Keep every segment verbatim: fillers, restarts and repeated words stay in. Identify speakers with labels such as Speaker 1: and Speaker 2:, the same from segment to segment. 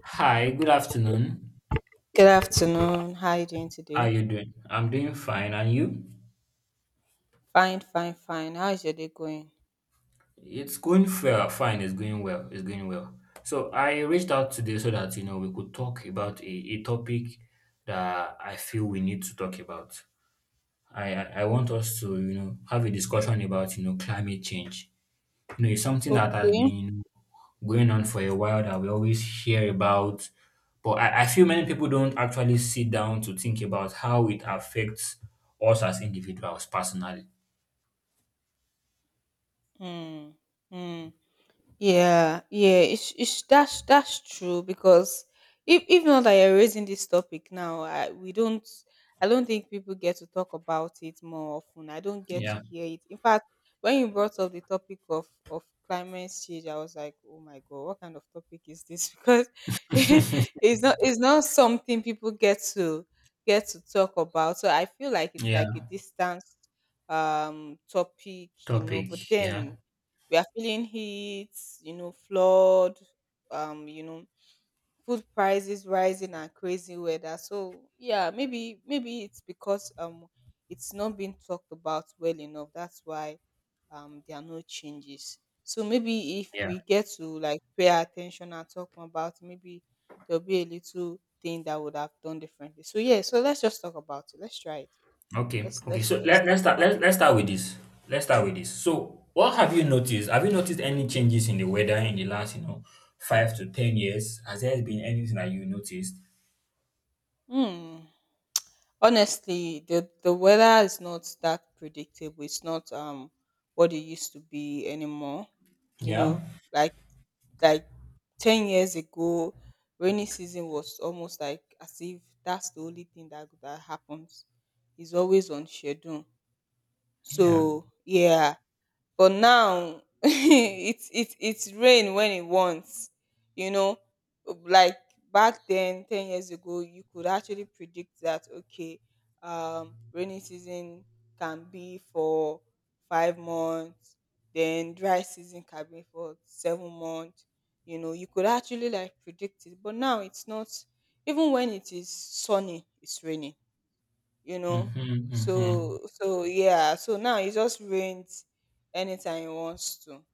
Speaker 1: Hi, good afternoon.
Speaker 2: Good afternoon. How are you doing
Speaker 1: How
Speaker 2: today?
Speaker 1: you doing? I'm doing fine, and you?
Speaker 2: Fine, fine, fine. How is your day going?
Speaker 1: It's going well. Fine. It's going well. It's going well. So I reached out today so that you know we could talk about a, a topic that I feel we need to talk about. I, I I want us to you know have a discussion about you know climate change. You know, it's something that has
Speaker 2: Okay.
Speaker 1: been going on for a while that we always hear about, but I, I feel many people don't actually sit down to think about how it affects us as individuals personally.
Speaker 2: Hmm. Hmm. Yeah, yeah, it's, it's that's that's true because if if not that you're raising this topic now, I, we don't. I don't think people get to talk about it more often. I don't get to
Speaker 1: Yeah,
Speaker 2: hear it. In fact, when you brought up the topic of of climate change, I was like, oh my god, what kind of topic is this? Because it's not it's not something people get to get to talk about. So I feel like it's like a
Speaker 1: yeah,
Speaker 2: distant um topic, you know. But
Speaker 1: topic. Yeah,
Speaker 2: then we are feeling heat, you know, flood, um, you know, food prices rising and crazy weather. So yeah, maybe maybe it's because um it's not being talked about well enough. That's why um there are no changes. So maybe if
Speaker 1: yeah.
Speaker 2: we get to like pay attention and talk more about it, maybe there'll be a little thing that would have done differently. So yeah, so let's just talk about it. Let's try it.
Speaker 1: Okay,
Speaker 2: Let's
Speaker 1: okay.
Speaker 2: let's
Speaker 1: So
Speaker 2: let's
Speaker 1: let,
Speaker 2: talk
Speaker 1: let's start.
Speaker 2: about. it.
Speaker 1: Let's let's start with this. Let's start with this. So, what have you noticed? Have you noticed any changes in the weather in the last, you know, five to ten years? Has there been anything that you noticed?
Speaker 2: Hmm. Honestly, the the weather is not that predictable. It's not um what it used to be anymore, you
Speaker 1: Yeah,
Speaker 2: know, like like 10 years ago. Rainy season was almost like as if that's the only thing that that happens. It's always on schedule,
Speaker 1: yeah.
Speaker 2: so yeah. But now it's it's it's rain when it wants, you know, like back then 10 years ago you could actually predict that. Okay, um rainy season can be for five months, then dry season can be for seven months. You know, you could actually like predict it, but now it's not. Even when it is sunny it's raining, you know.
Speaker 1: Mm-hmm, mm-hmm.
Speaker 2: So so yeah, so now he just rents anytime he wants to.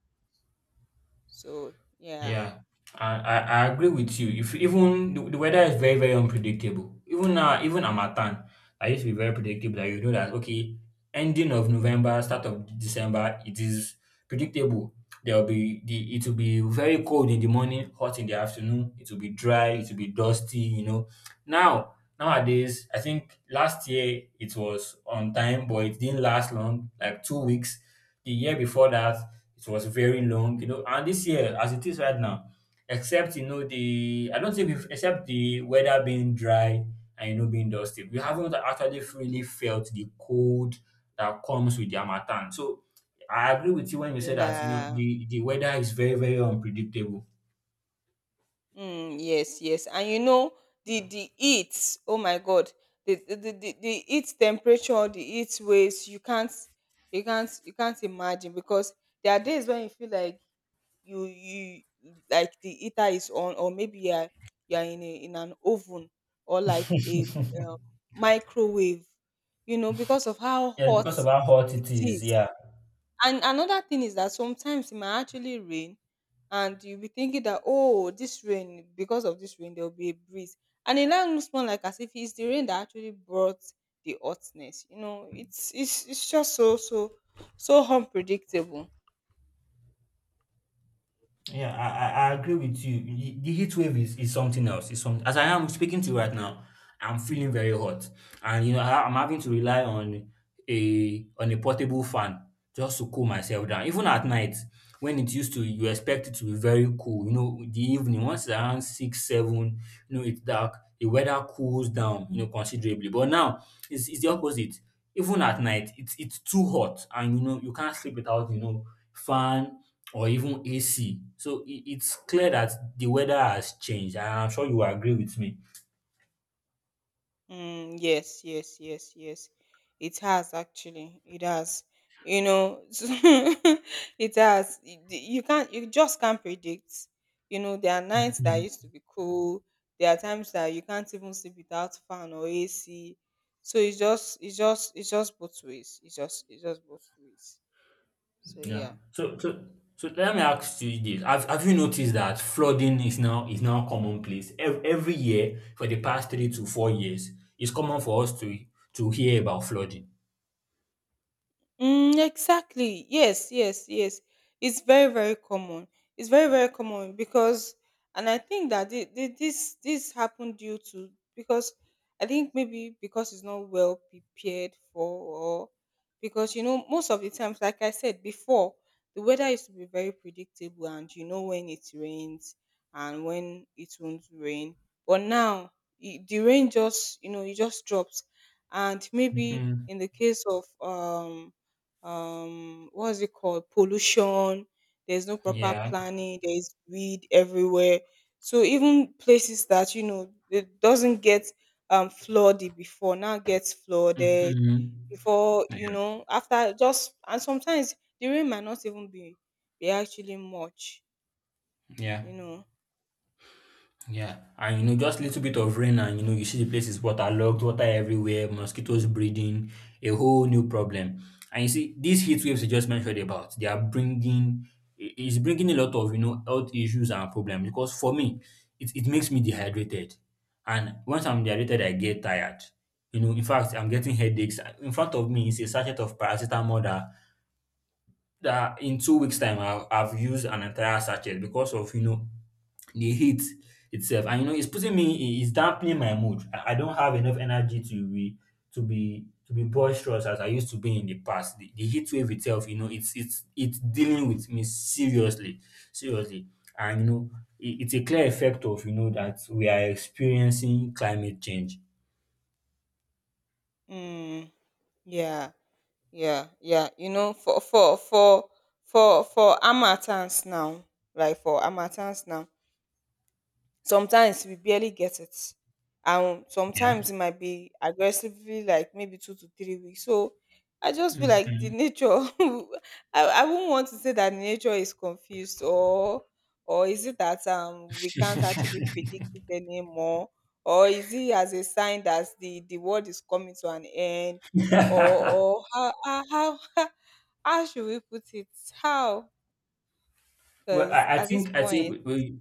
Speaker 2: So yeah.
Speaker 1: Yeah, I, I, I agree with you. If even the, the weather is very very unpredictable. Even now, even Amatan, I used to be very predictable. That you know that okay, ending of November, start of December, it is predictable. There will be the it will be very cold in the morning, hot in the afternoon. It will be dry. It will be dusty. You know. Now nowadays, I think last year it was on time, but it didn't last long, like two weeks. The year before that it was very long, you know. And this year, as it is right now, except you know the I don't think we've except the weather being dry and you know being dusty, we haven't actually really felt the cold that comes with the harmattan. So I agree with you when you say that you know
Speaker 2: Yeah. Uh,
Speaker 1: the the weather is very very unpredictable.
Speaker 2: mm, yes, yes. And you know the the heat, oh my god, the the, the, the the heat temperature, the heat waves, you can't, you can't you can't imagine. Because there are days when you feel like you you like the heater is on, or maybe you are, you are in a, in an oven, or like a um, microwave, you know, because of how
Speaker 1: Yeah,
Speaker 2: hot
Speaker 1: because of how hot
Speaker 2: it
Speaker 1: it is.
Speaker 2: is.
Speaker 1: Yeah.
Speaker 2: And another thing is that sometimes it might actually rain and you'll be thinking that, oh, this rain, because of this rain there'll be a breeze. And it now looks more like as if it's the rain that actually brought the hotness, you know. It's it's it's just so, so, so unpredictable.
Speaker 1: Yeah, I, I I agree with you. The the heat wave is, is something else. It's some, as I am speaking to you right now, I'm feeling very hot, and you know I, I'm having to rely on a on a portable fan just to cool myself down. Even at night, when it used to, you expect it to be very cool. You know, the evening once it's around six, seven, you know it's dark. The weather cools down, you know, considerably. But now it's it's the opposite. Even at night, it's it's too hot, and you know you can't sleep without you know fan or even A C. So it, it's clear that the weather has changed, and I'm sure you agree with me.
Speaker 2: Mm, yes, yes, yes, yes. It has actually. It has. You know, it has. Y- y- You can't. You just can't predict. You know, there are nights that
Speaker 1: Mhm.
Speaker 2: used to be cool. There are times that you can't even sleep without fan or A C. So it's just, it's just, it's just both ways. It's just, it's just both ways. So
Speaker 1: Yeah.
Speaker 2: yeah.
Speaker 1: So so so let me ask you this: Have Have you noticed that flooding is now is now commonplace every, every year for the past three to four years? It's common for us to to hear about flooding.
Speaker 2: Mm, exactly. Yes, yes, yes. It's very, very common. It's very, very common because, and I think that thi- thi- this this happened due to, because I think maybe because it's not well prepared for. Or because, you know, most of the times, like I said before, the weather used to be very predictable, and you know when it rains and when it won't rain. But now i- the rain just, you know, it just drops. And maybe
Speaker 1: Hmm.
Speaker 2: in the case of um um what's it called, pollution, there's no proper
Speaker 1: Yeah.
Speaker 2: planning, there is weed everywhere. So even places that you know it doesn't get um flooded before, now gets flooded.
Speaker 1: Hmm.
Speaker 2: Before, you
Speaker 1: Yeah.
Speaker 2: know, after just, and sometimes the rain might not even be be actually much,
Speaker 1: Yeah.
Speaker 2: you know.
Speaker 1: Yeah, and you know, just little bit of rain, and you know, you see the place is waterlogged, water everywhere, mosquitoes breeding, a whole new problem. And you see, these heat waves you just mentioned about, they are bringing, i- it's bringing a lot of you know health issues and problems. Because for me, it, it makes me dehydrated, and once I'm dehydrated, I get tired. You know, in fact, I'm getting headaches. In front of me is a sachet of paracetamol that that in two weeks time I've, I've used an entire sachet because of you know the heat itself and you know it's putting me it's dampening my mood I, I don't have enough energy to be to be to be boisterous as I used to be in the past the, the heat wave itself you know it's it's it's dealing with me seriously seriously and you know it, it's a clear effect of you know that we are experiencing climate change.
Speaker 2: Mm, yeah, yeah, yeah. You know, for for for for for harmattan now, like for harmattan now, sometimes we barely get it. And sometimes
Speaker 1: Yeah.
Speaker 2: it might be aggressively like maybe two to three weeks. So I just feel like the
Speaker 1: Mhm.
Speaker 2: nature, I, I wouldn't want to say that nature is confused, or or is it that um we can't actually predict it anymore? Or is it as a sign that the, the world is coming to an end? Or or how how how, how should we put it? How?
Speaker 1: well,
Speaker 2: Because
Speaker 1: I, I
Speaker 2: at this
Speaker 1: think I
Speaker 2: point,
Speaker 1: think we,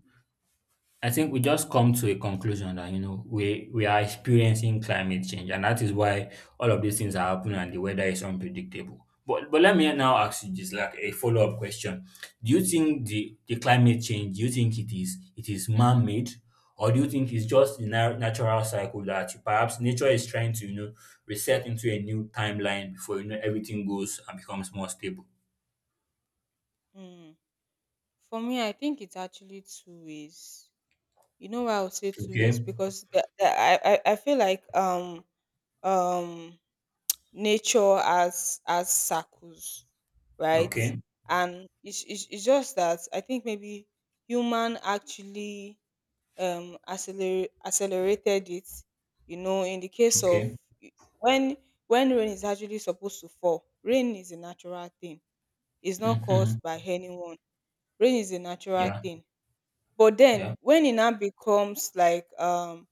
Speaker 1: I think we just come to a conclusion that you know we we are experiencing climate change, and that is why all of these things are happening and the weather is unpredictable. But but let me now ask you this, like a follow up question: Do you think the the climate change? Do you think it is it is man made, or do you think it's just the na- natural cycle that perhaps nature is trying to you know reset into a new timeline before you know everything goes and becomes more stable?
Speaker 2: mm. For me, I think it's actually two ways. You know why I'll say two ways?
Speaker 1: Okay,
Speaker 2: Because the, the, I, I I feel like um um nature as as circles, right?
Speaker 1: okay,
Speaker 2: And it's, it's, it's just that I think maybe human actually um acceler- accelerated it. You know, in the case of
Speaker 1: okay.
Speaker 2: when when rain is actually supposed to fall, rain is a natural thing. It's not
Speaker 1: Hmm.
Speaker 2: caused by anyone. Rain is a natural
Speaker 1: Yeah,
Speaker 2: thing. But
Speaker 1: yeah.
Speaker 2: then when it now becomes like um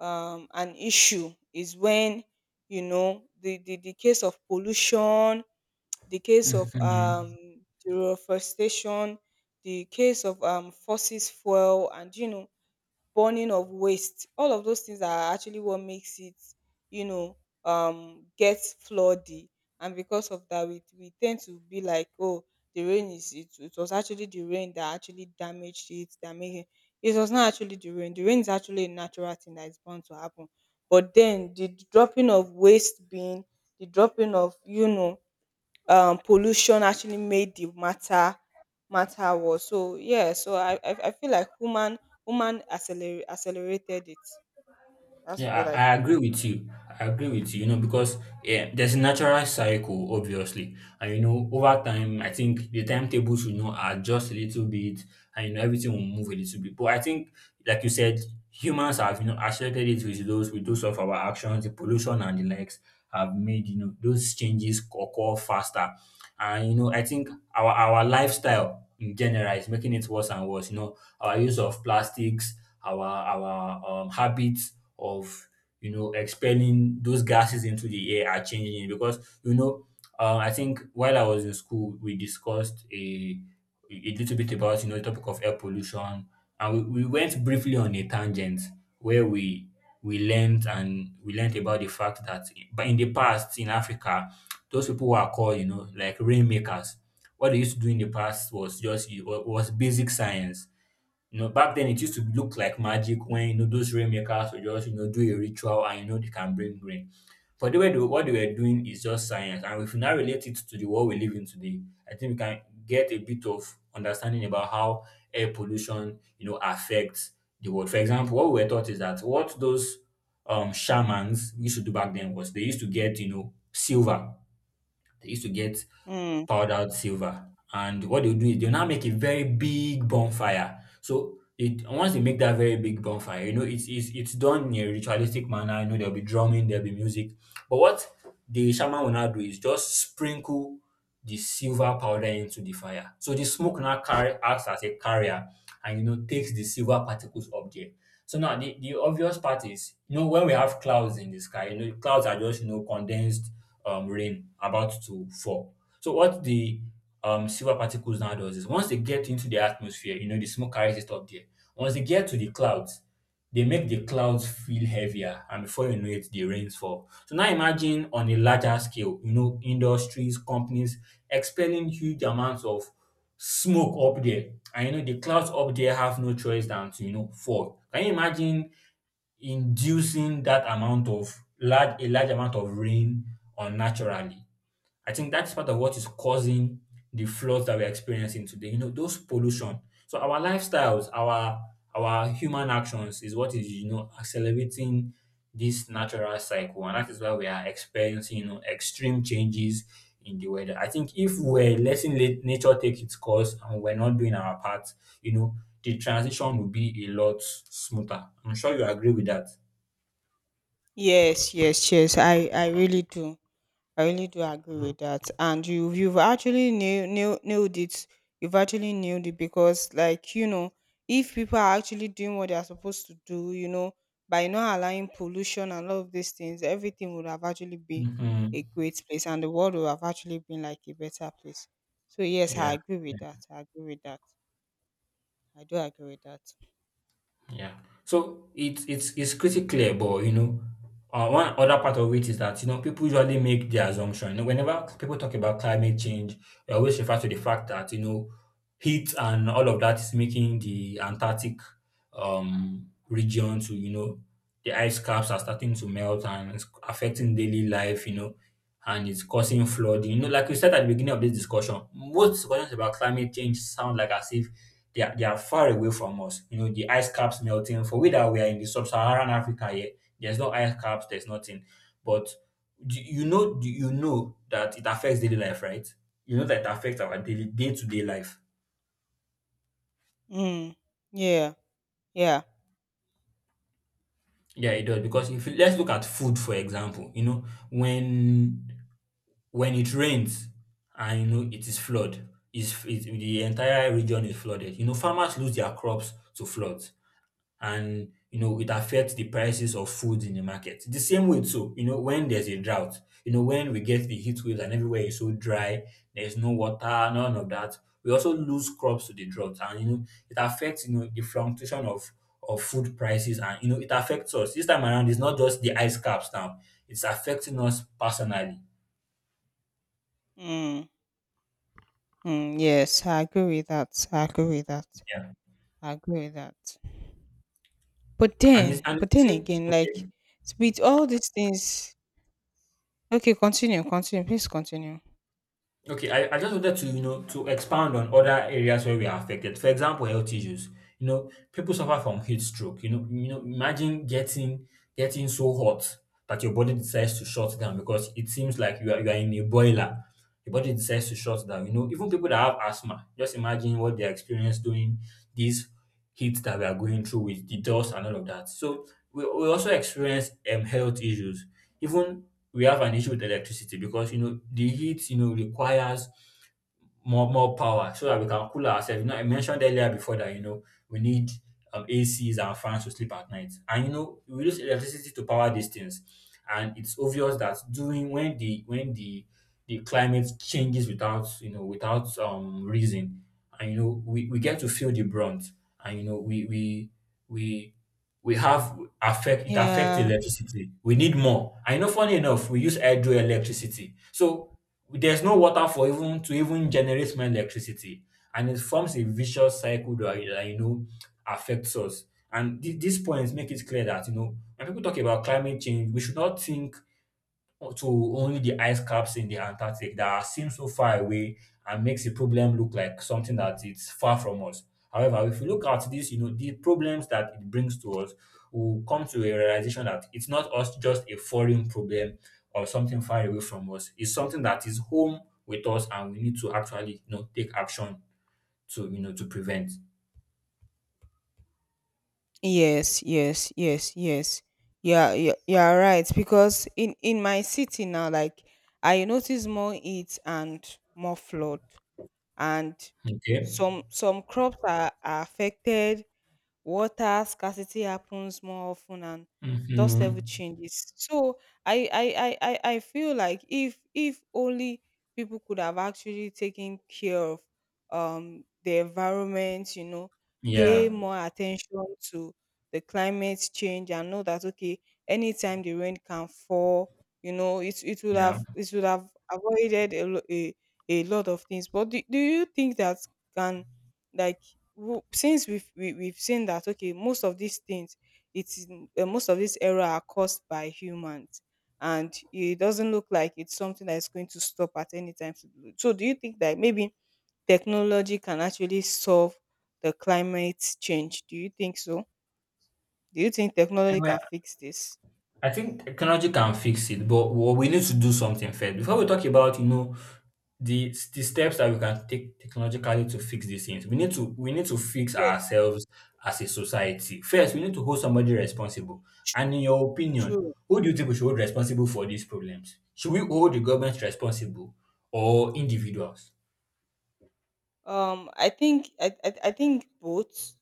Speaker 2: um an issue is when, you know, the the, the case of pollution, the case of um
Speaker 1: Mhm.
Speaker 2: deforestation, the case of um fossil fuel, and you know burning of waste. All of those things are actually what makes it, you know, um, get floody. And because of that, we, we tend to be like, oh, the rain is, it, it was actually the rain that actually damaged it, that made it. It was not actually the rain. The rain is actually a natural thing that is bound to happen. But then the dropping of waste bin, the dropping of, you know, um pollution actually made the matter matter worse. So yeah, so I I, I feel like human human accelerate, accelerated it. That's what
Speaker 1: Yeah,
Speaker 2: I
Speaker 1: I, I
Speaker 2: feel.
Speaker 1: agree with you. I agree with you, you know, because yeah, there's a natural cycle, obviously. And, you know, over time, I think the timetable should not adjust a little bit and, you know, everything will move a little bit. But I think, like you said, humans have, you know, accelerated it with those, with those of our actions, the pollution and the likes have made, you know, those changes occur faster. And, you know, I think our, our lifestyle in general is making it worse and worse. You know, our use of plastics, our, our um, habits, of you know expelling those gases into the air are changing it because you know uh, I think while I was in school we discussed a a little bit about you know the topic of air pollution and we, we went briefly on a tangent where we we learned and we learned about the fact that but in the past in Africa those people were called you know like rainmakers what they used to do in the past was just was basic science. You know, back then it used to look like magic when you know those rainmakers would just you know do a ritual and you know they can bring rain. But the way they, what they were doing is just science, and if you now relate it to the world we live in today, I think we can get a bit of understanding about how air pollution you know affects the world. For example, what we were taught is that what those um shamans used to do back then was they used to get you know silver they used to get
Speaker 2: Mm.
Speaker 1: powdered silver. And what they'll do is they'll now make a very big bonfire. So it once they make that very big bonfire, you know, it's it's it's done in a ritualistic manner. You know, there'll be drumming, there'll be music. But what the shaman will now do is just sprinkle the silver powder into the fire. So the smoke now carry acts as a carrier and you know takes the silver particles up there. So now the, the obvious part is, you know, when we have clouds in the sky, you know, clouds are just, you know, condensed um, rain about to fall. So what the um, silver particles now does is once they get into the atmosphere, you know, the smoke carries it up there. Once they get to the clouds, they make the clouds feel heavier and before you know it, the rains fall. So now imagine on a larger scale, you know, industries, companies expelling huge amounts of smoke up there. And you know, the clouds up there have no choice than to, you know, fall. Can you imagine inducing that amount of large a large amount of rain unnaturally? I think that's part of what is causing the flaws that we're experiencing today. You know, those pollution. So our lifestyles, our our human actions is what is, you know, accelerating this natural cycle. And that is why we are experiencing, you know, extreme changes in the weather. I think if we're letting let nature take its course and we're not doing our part, you know, the transition will be a lot smoother. I'm sure you agree with that.
Speaker 2: Yes, yes, yes. I I really do. I really do agree with that. And you, you've actually nail, nail, nailed it. You've actually nailed it because, like, you know, if people are actually doing what they are supposed to do, you know, by not allowing pollution and all of these things, everything would have actually been a
Speaker 1: Hmm.
Speaker 2: great place, and the world would have actually been like a better place. So yes, I
Speaker 1: Yeah.
Speaker 2: agree with that. I agree with that. I do agree with that.
Speaker 1: Yeah. So it's it's it's pretty clear, but you know, uh, one other part of it is that you know people usually make the assumption. You know, whenever people talk about climate change, they always refer to the fact that you know heat and all of that is making the Antarctic um region to you know the ice caps are starting to melt and it's affecting daily life. You know, and it's causing flooding. You know, like we said at the beginning of this discussion, most discussions about climate change sound like as if they are, they are far away from us. You know, the ice caps melting. For we that we are in the sub-Saharan Africa here, there's no ice caps, there's nothing. But do you know, do you know that it affects daily life, right? You know that it affects our daily day-to-day life.
Speaker 2: Mm. Yeah. Yeah.
Speaker 1: Yeah, it does. Because if you, let's look at food, for example. You know, when when it rains and you know it is flood, is it, the entire region is flooded. You know, farmers lose their crops to floods. and you know it affects the prices of food in the market. The same way too, you know, when there's a drought, you know, when we get the heat waves and everywhere is so dry, there's no water, none of that. We also lose crops to the drought, and you know, it affects you know the fluctuation of of food prices, and you know, it affects us. This time around, it's not just the ice caps now; it's affecting us personally.
Speaker 2: Mm. Mm. Yes, I agree with that. I agree with that.
Speaker 1: Yeah,
Speaker 2: I agree with that. But
Speaker 1: and it's
Speaker 2: then
Speaker 1: and
Speaker 2: but
Speaker 1: it's
Speaker 2: then
Speaker 1: same.
Speaker 2: again, like,
Speaker 1: Okay,
Speaker 2: with all these things, okay, continue, continue. Please continue.
Speaker 1: okay, I, I just wanted to, you know, to expand on other areas where we are affected. For example, health issues. You know, people suffer from heat stroke. You know, you know, imagine getting getting so hot that your body decides to shut down because it seems like you are you are in a boiler. Your body decides to shut down. You know, even people that have asthma, just imagine what they experience during these heat that we are going through with the dust and all of that. So we, we also experience um, health issues. Even we have an issue with electricity because you know the heat you know requires more more power so that we can cool ourselves. You know, I mentioned earlier before that you know we need um, A Cs and fans to sleep at night, and you know we use electricity to power these things, and it's obvious that doing when the when the the climate changes without you know without um reason, and you know we, we get to feel the brunt, and you know we we we we have affect it affects
Speaker 2: Yeah.
Speaker 1: electricity. We need more. I know funny enough, we use hydroelectricity. So there's no water for even to even generate more electricity and it forms a vicious cycle that, that you know affects us and th- these points make it clear that you know when people talk about climate change we should not think or to only the ice caps in the Antarctic that seem so far away and makes the problem look like something that it's far from us. However, if we look at this, you know, the problems that it brings to us, we'll come to a realization that it's not us just a foreign problem or something far away from us. It's something that is home with us and we need to actually, you know, take action to, you know, to prevent.
Speaker 2: Yes, yes, yes, yes. Yeah, yeah, you're right. Because in in my city now, like, I notice more heat and more flood, and
Speaker 1: Okay.
Speaker 2: some some crops are, are affected. Water scarcity happens more often, and dust level
Speaker 1: Hmm.
Speaker 2: changes. So i i i i I feel like if if only people could have actually taken care of um the environment, you know, pay
Speaker 1: Yeah.
Speaker 2: more attention to the climate change, and know that okay, anytime the rain can fall, you know, it it would
Speaker 1: Yeah.
Speaker 2: have, it would have avoided a, lo- a, a lot of things. But do, do you think that can, like, w- since we've we, we've seen that okay, most of these things, it's, uh, most of this error are caused by humans, and it doesn't look like it's something that is going to stop at any time soon. So do you think that maybe technology can actually solve the climate change? Do you think so? Do you think technology
Speaker 1: Anyway.
Speaker 2: can fix this?
Speaker 1: I think technology can fix it, but what we need to do something first. Before we talk about, you know, the the steps that we can take technologically to fix these things, we need to we need to fix
Speaker 2: Yes.
Speaker 1: ourselves as a society. First, we need to hold somebody responsible. And
Speaker 2: True,
Speaker 1: in your opinion,
Speaker 2: true.
Speaker 1: who do you think we should hold responsible for these problems? Should we hold the government responsible or individuals?
Speaker 2: um I think, i i, I think both.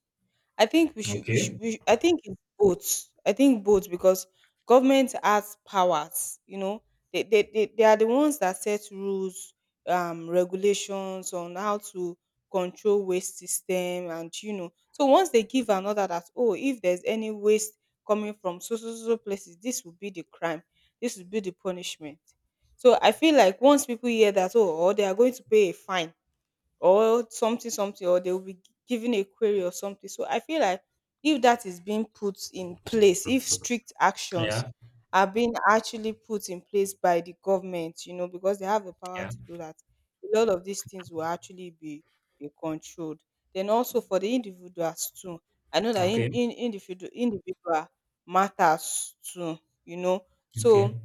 Speaker 2: I think we should, we should,
Speaker 1: Okay.
Speaker 2: we should, I think it's both. I think both because government has powers, you know, they, they, they, they are the ones that set rules, um, regulations on how to control waste system. And, you know, so once they give another that, oh, if there's any waste coming from so, so, so so places, this will be the crime. This will be the punishment. So I feel like once people hear that, oh, or they are going to pay a fine or something something, or they will be given a query or something. So I feel like if that is being put in place, if strict actions
Speaker 1: Yeah.
Speaker 2: are being actually put in place by the government, you know, because they have the power
Speaker 1: Yeah.
Speaker 2: to do that, a lot of these things will actually be be controlled. Then also for the individuals too, I know that in,
Speaker 1: Okay.
Speaker 2: in individual individual matters too, you know. So
Speaker 1: Okay.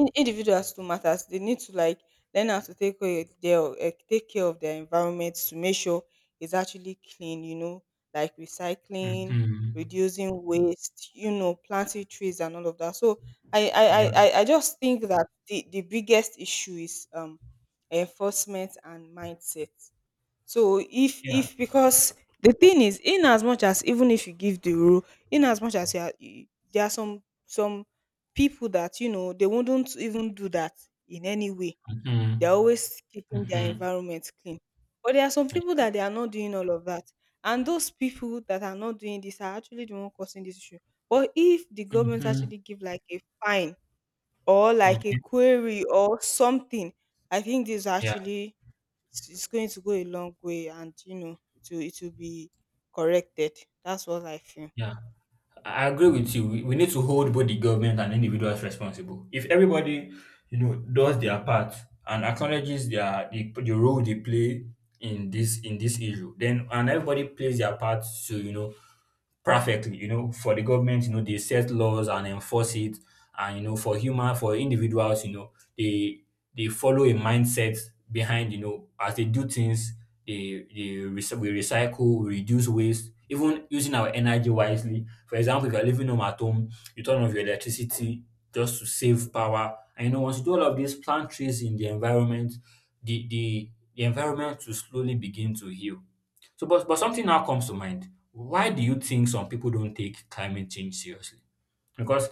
Speaker 2: in individuals too matters, they need to like learn how to take care of their eh, take care of their environment, to make sure it's actually clean, you know, like recycling,
Speaker 1: Mm-hmm.
Speaker 2: reducing waste, you know, planting trees and all of that. So i i
Speaker 1: Yeah.
Speaker 2: i, I I just think that the, the biggest issue is um enforcement and mindset. So if
Speaker 1: Yeah.
Speaker 2: if because the thing is, in as much as even if you give the rule, in as much as you are, you- there are some some people that, you know, they wouldn't even do that in any way.
Speaker 1: Mm-hmm.
Speaker 2: They're always keeping their
Speaker 1: Mm-hmm.
Speaker 2: environment clean. But there are some people
Speaker 1: Yeah.
Speaker 2: that they are not doing all of that, and those people that are not doing this are actually the one causing this issue. But if the government
Speaker 1: Mm-hmm.
Speaker 2: actually give like a fine or like a
Speaker 1: Okay.
Speaker 2: query or something, I think this
Speaker 1: Yeah.
Speaker 2: actually it's it's going to go a long way, and you know it will it will be corrected. That's what I feel.
Speaker 1: Yeah, I I agree with you. We we need to hold both the government and individuals responsible. If everybody, you know, does their part and acknowledges their the, the role they play in this in this issue, then and everybody plays their part to you know perfectly. You know, for the government, you know, they set laws and enforce it, and you know, for human for individuals, you know, they they follow a mindset behind. You know, as they do things, they they rec- we recycle, we reduce waste, even using our energy wisely for example, if you're living home at home, you turn off your electricity just to save power. And you know, once you do all of this, plant trees in the environment, the the, the environment will slowly begin to heal. So but but something now comes to mind. Why do you think some people don't take climate change seriously? Because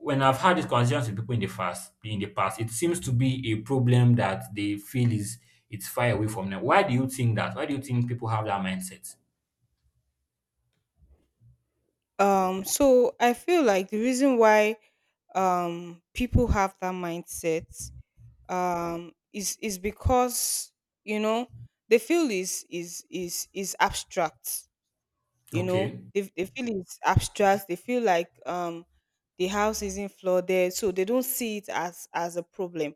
Speaker 1: when I've had these conversations with people in the past, in the past, it seems to be a problem that they feel is it's far away from them. Why do you think that? Why do you think people have that mindset?
Speaker 2: Um so I feel like the reason why um people have that mindset um is is because you know they feel is is is is abstract. You know,
Speaker 1: Okay.
Speaker 2: they, they feel it's abstract. They feel like um the house isn't flooded, so they don't see it as as a problem.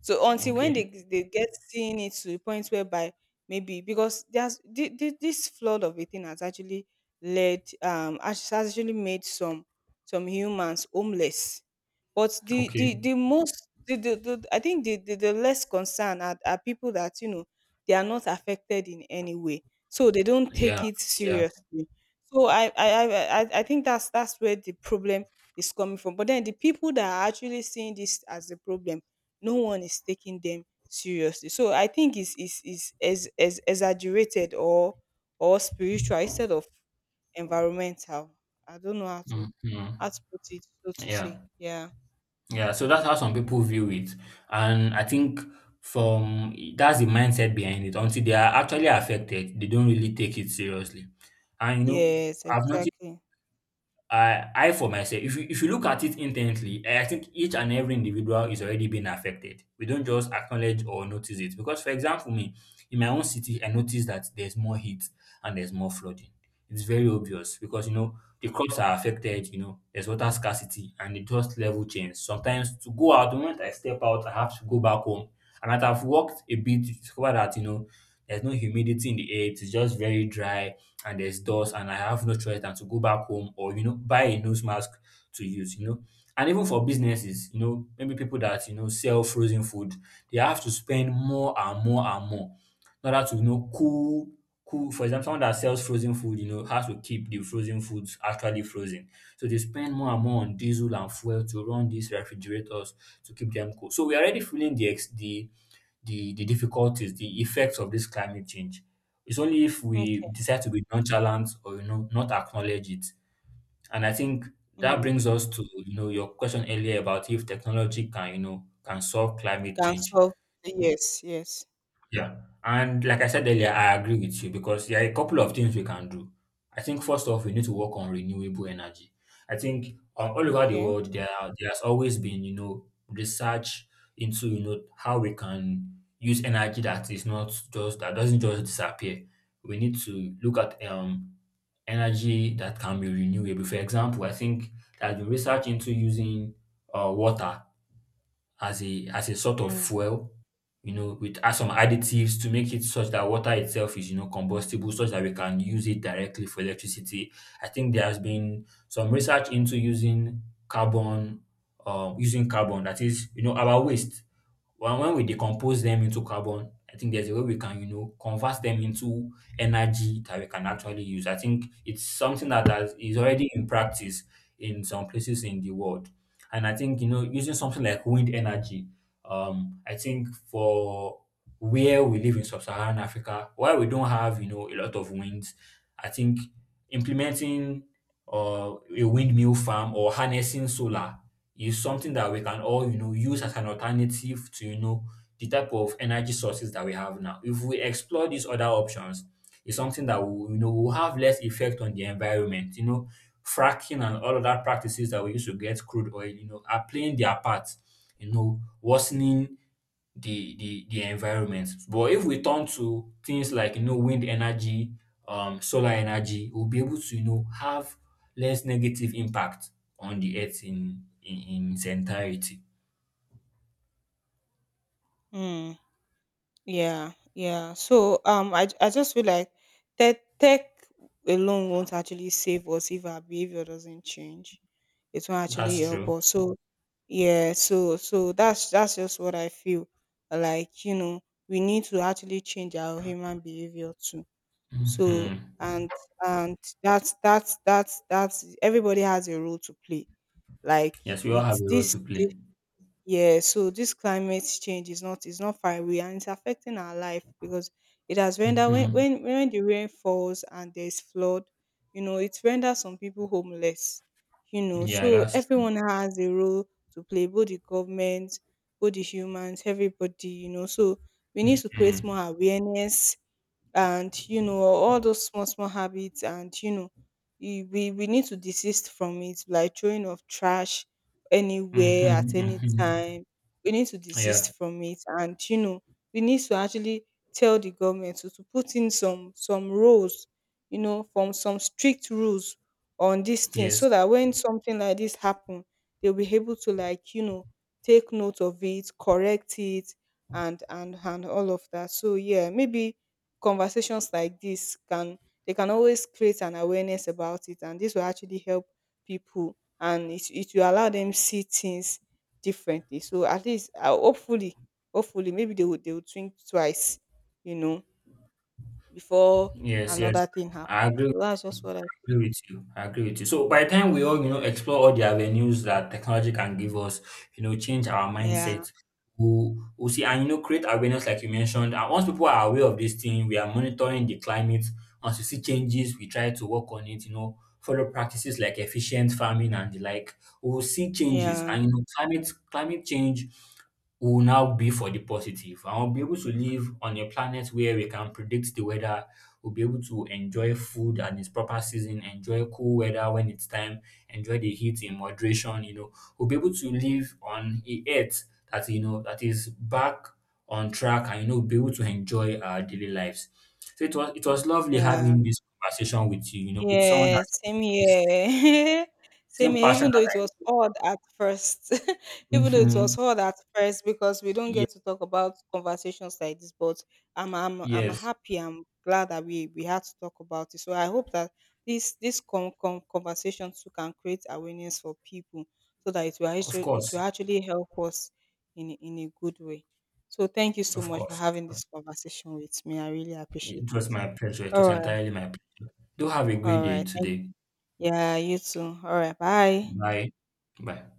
Speaker 2: So until when
Speaker 1: Okay.
Speaker 2: they they get seeing it to the point whereby maybe because there's thi- thi- this flood of a thing has actually led um has actually made some some humans homeless. But the the
Speaker 1: Okay.
Speaker 2: the most the, the, the I think the, the, the less concerned are, are people that you know they are not affected in any way, so they don't
Speaker 1: Yeah.
Speaker 2: take it
Speaker 1: Yeah.
Speaker 2: seriously. So I I I, I I think that's that's where the problem is coming from. But then the people that are actually seeing this as a problem, no one is taking them seriously. So I think it's is is is is exaggerated or or spiritual instead of environmental. I don't know how to
Speaker 1: Mhm.
Speaker 2: how to put it, so to say.
Speaker 1: Yeah,
Speaker 2: Yeah.
Speaker 1: yeah. So that's how some people view it, and I think from that's the mindset behind it. Until they are actually affected, they don't really take it seriously. And you know,
Speaker 2: Yes,
Speaker 1: I've noticed
Speaker 2: exactly.
Speaker 1: I I for myself, if you if you look at it intently, I think each and every individual is already being affected. We don't just acknowledge or notice it. Because for example, me, in my own city, I noticed that there's more heat and there's more flooding. It's very obvious because you know the crops are affected, you know, there's water scarcity and the dust level change. Sometimes to go out, the moment I step out, I have to go back home. And as I've walked a bit, you discover that, you know, there's no humidity in the air, it's just very dry and there's dust and I have no choice than to go back home or you know buy a nose mask to use, you know. And even for businesses, you know, maybe people that you know sell frozen food, they have to spend more and more and more in order to you know cool cool for example someone that sells frozen food you know has to keep the frozen foods actually frozen so they spend more and more on diesel and fuel to run these refrigerators to keep them cool so we're already feeling the ex- the the the difficulties, the effects of this climate change. It's only if we
Speaker 2: Okay.
Speaker 1: decide to be nonchalant or you know not acknowledge it. And I think that
Speaker 2: Mm.
Speaker 1: brings us to you know your question earlier about if technology can you know can solve climate
Speaker 2: Can
Speaker 1: change.
Speaker 2: solve, yes, yes.
Speaker 1: Yeah. And like I said earlier, I agree with you because there are a couple of things we can do. I think first off, we need to work on renewable energy. I think um, all over the
Speaker 2: Okay.
Speaker 1: world there are- there has always been you know research into you know how we can use energy that is not just that doesn't just disappear. We need to look at um energy that can be renewable. For example, I think there's been research into using uh, water as a as a sort of
Speaker 2: Mm.
Speaker 1: fuel, you know, with add some additives to make it such that water itself is, you know, combustible, such that we can use it directly for electricity. I think there has been some research into using carbon, um, using carbon, that is, you know, our waste when, when we decompose them into carbon, I think there's a way we can, you know, convert them into energy that we can actually use. I think it's something that has, is already in practice in some places in the world. And I think, you know, using something like wind energy, um, I think for where we live in sub-Saharan Africa, why we don't have, you know, a lot of winds, I think implementing uh, a windmill farm or harnessing solar is something that we can all you know use as an alternative to you know the type of energy sources that we have now. If we explore these other options, it's something that will you know will have less effect on the environment. You know, fracking and all of that practices that we used to get crude oil, you know, are playing their part, you know, worsening the the the environment. But if we turn to things like you know wind energy, um, solar energy, we'll be able to you know have less negative impact on the earth in in, in its entirety.
Speaker 2: Mm. Yeah, yeah. So um I I just feel like tech tech alone won't actually save us if our behavior doesn't change. It won't actually
Speaker 1: That's
Speaker 2: help
Speaker 1: true.
Speaker 2: us. So yeah, so so that's that's just what I feel. Like, you know, we need to actually change our human behavior too. So
Speaker 1: Mhm.
Speaker 2: and and that's that's that's that's everybody has a role to play. Like
Speaker 1: Yes, we all have
Speaker 2: it's
Speaker 1: a role
Speaker 2: this
Speaker 1: to play.
Speaker 2: this- yeah, so this climate change is not is not far away, and it's affecting our life because it has rendered, when
Speaker 1: Hmm.
Speaker 2: when when the rain falls and there's flood, you know, it renders some people homeless. You know,
Speaker 1: Yeah,
Speaker 2: so
Speaker 1: that's true.
Speaker 2: everyone has a role to play, both the government, both the humans, everybody, you know. So we need to create
Speaker 1: Hmm.
Speaker 2: more awareness, and you know all those small small habits, and you know e- we we need to desist from it, like throwing of trash
Speaker 1: Hmm.
Speaker 2: anywhere at any
Speaker 1: Hmm.
Speaker 2: time. We need to desist
Speaker 1: Yeah.
Speaker 2: from it, and you know we need to actually tell the government to, to put in some some rules, you know, from some strict rules on this thing,
Speaker 1: Yes.
Speaker 2: so that when something like this happen they'll be able to like you know take note of it, correct it, and and and all of that. So yeah, maybe conversations like this can, they can always create an awareness about it, and this will actually help people, and it, it will allow them see things differently. So at least uh, hopefully, hopefully maybe they would they would think twice, you know, before
Speaker 1: Yes, yes.
Speaker 2: another thing
Speaker 1: I
Speaker 2: happens.
Speaker 1: agree.
Speaker 2: So that's just what I
Speaker 1: I agree with you. I agree with you. So by the time we all, you know, explore all the avenues that technology can give us, you know, change our
Speaker 2: yeah
Speaker 1: mindset, we'll, we'll see and you know create awareness like you mentioned. And once people are aware of this thing, we are monitoring the climate. Once we see changes, we try to work on it, you know, follow practices like efficient farming and the like. We'll see changes
Speaker 2: yeah
Speaker 1: and you know climate climate change will now be for the positive and we'll be able to live on a planet where we can predict the weather will be able to enjoy food at its proper season, enjoy cool weather when it's time, enjoy the heat in moderation, you know, will be able to live on a earth that you know that is back on track and you know be able to enjoy our daily lives. So it was it was lovely
Speaker 2: yeah.
Speaker 1: having this conversation with you, you know, with someone
Speaker 2: Yeah,
Speaker 1: that
Speaker 2: same
Speaker 1: the same
Speaker 2: here. Same
Speaker 1: same
Speaker 2: here,
Speaker 1: passion
Speaker 2: even though it
Speaker 1: that
Speaker 2: was odd at first.
Speaker 1: I.
Speaker 2: Even though it
Speaker 1: Mm-hmm.
Speaker 2: was odd at first, because we don't
Speaker 1: Yeah,
Speaker 2: get to talk about conversations like this, but I'm I'm I'm
Speaker 1: yes.
Speaker 2: happy. I'm glad that we we had to talk about it. So I hope that this this con con conversation too can create awareness for people, so that it will
Speaker 1: Of
Speaker 2: actually it
Speaker 1: course.
Speaker 2: will actually help us in a- in a good way. So thank you so
Speaker 1: Of
Speaker 2: much for
Speaker 1: course. Of
Speaker 2: having
Speaker 1: course.
Speaker 2: this conversation with me. I really appreciate
Speaker 1: It was
Speaker 2: it.
Speaker 1: my pleasure. It
Speaker 2: All
Speaker 1: was
Speaker 2: right.
Speaker 1: entirely my pleasure. Do have a great
Speaker 2: All
Speaker 1: day
Speaker 2: right.
Speaker 1: today.
Speaker 2: Yeah, you too. All right, bye.
Speaker 1: Bye. Bye.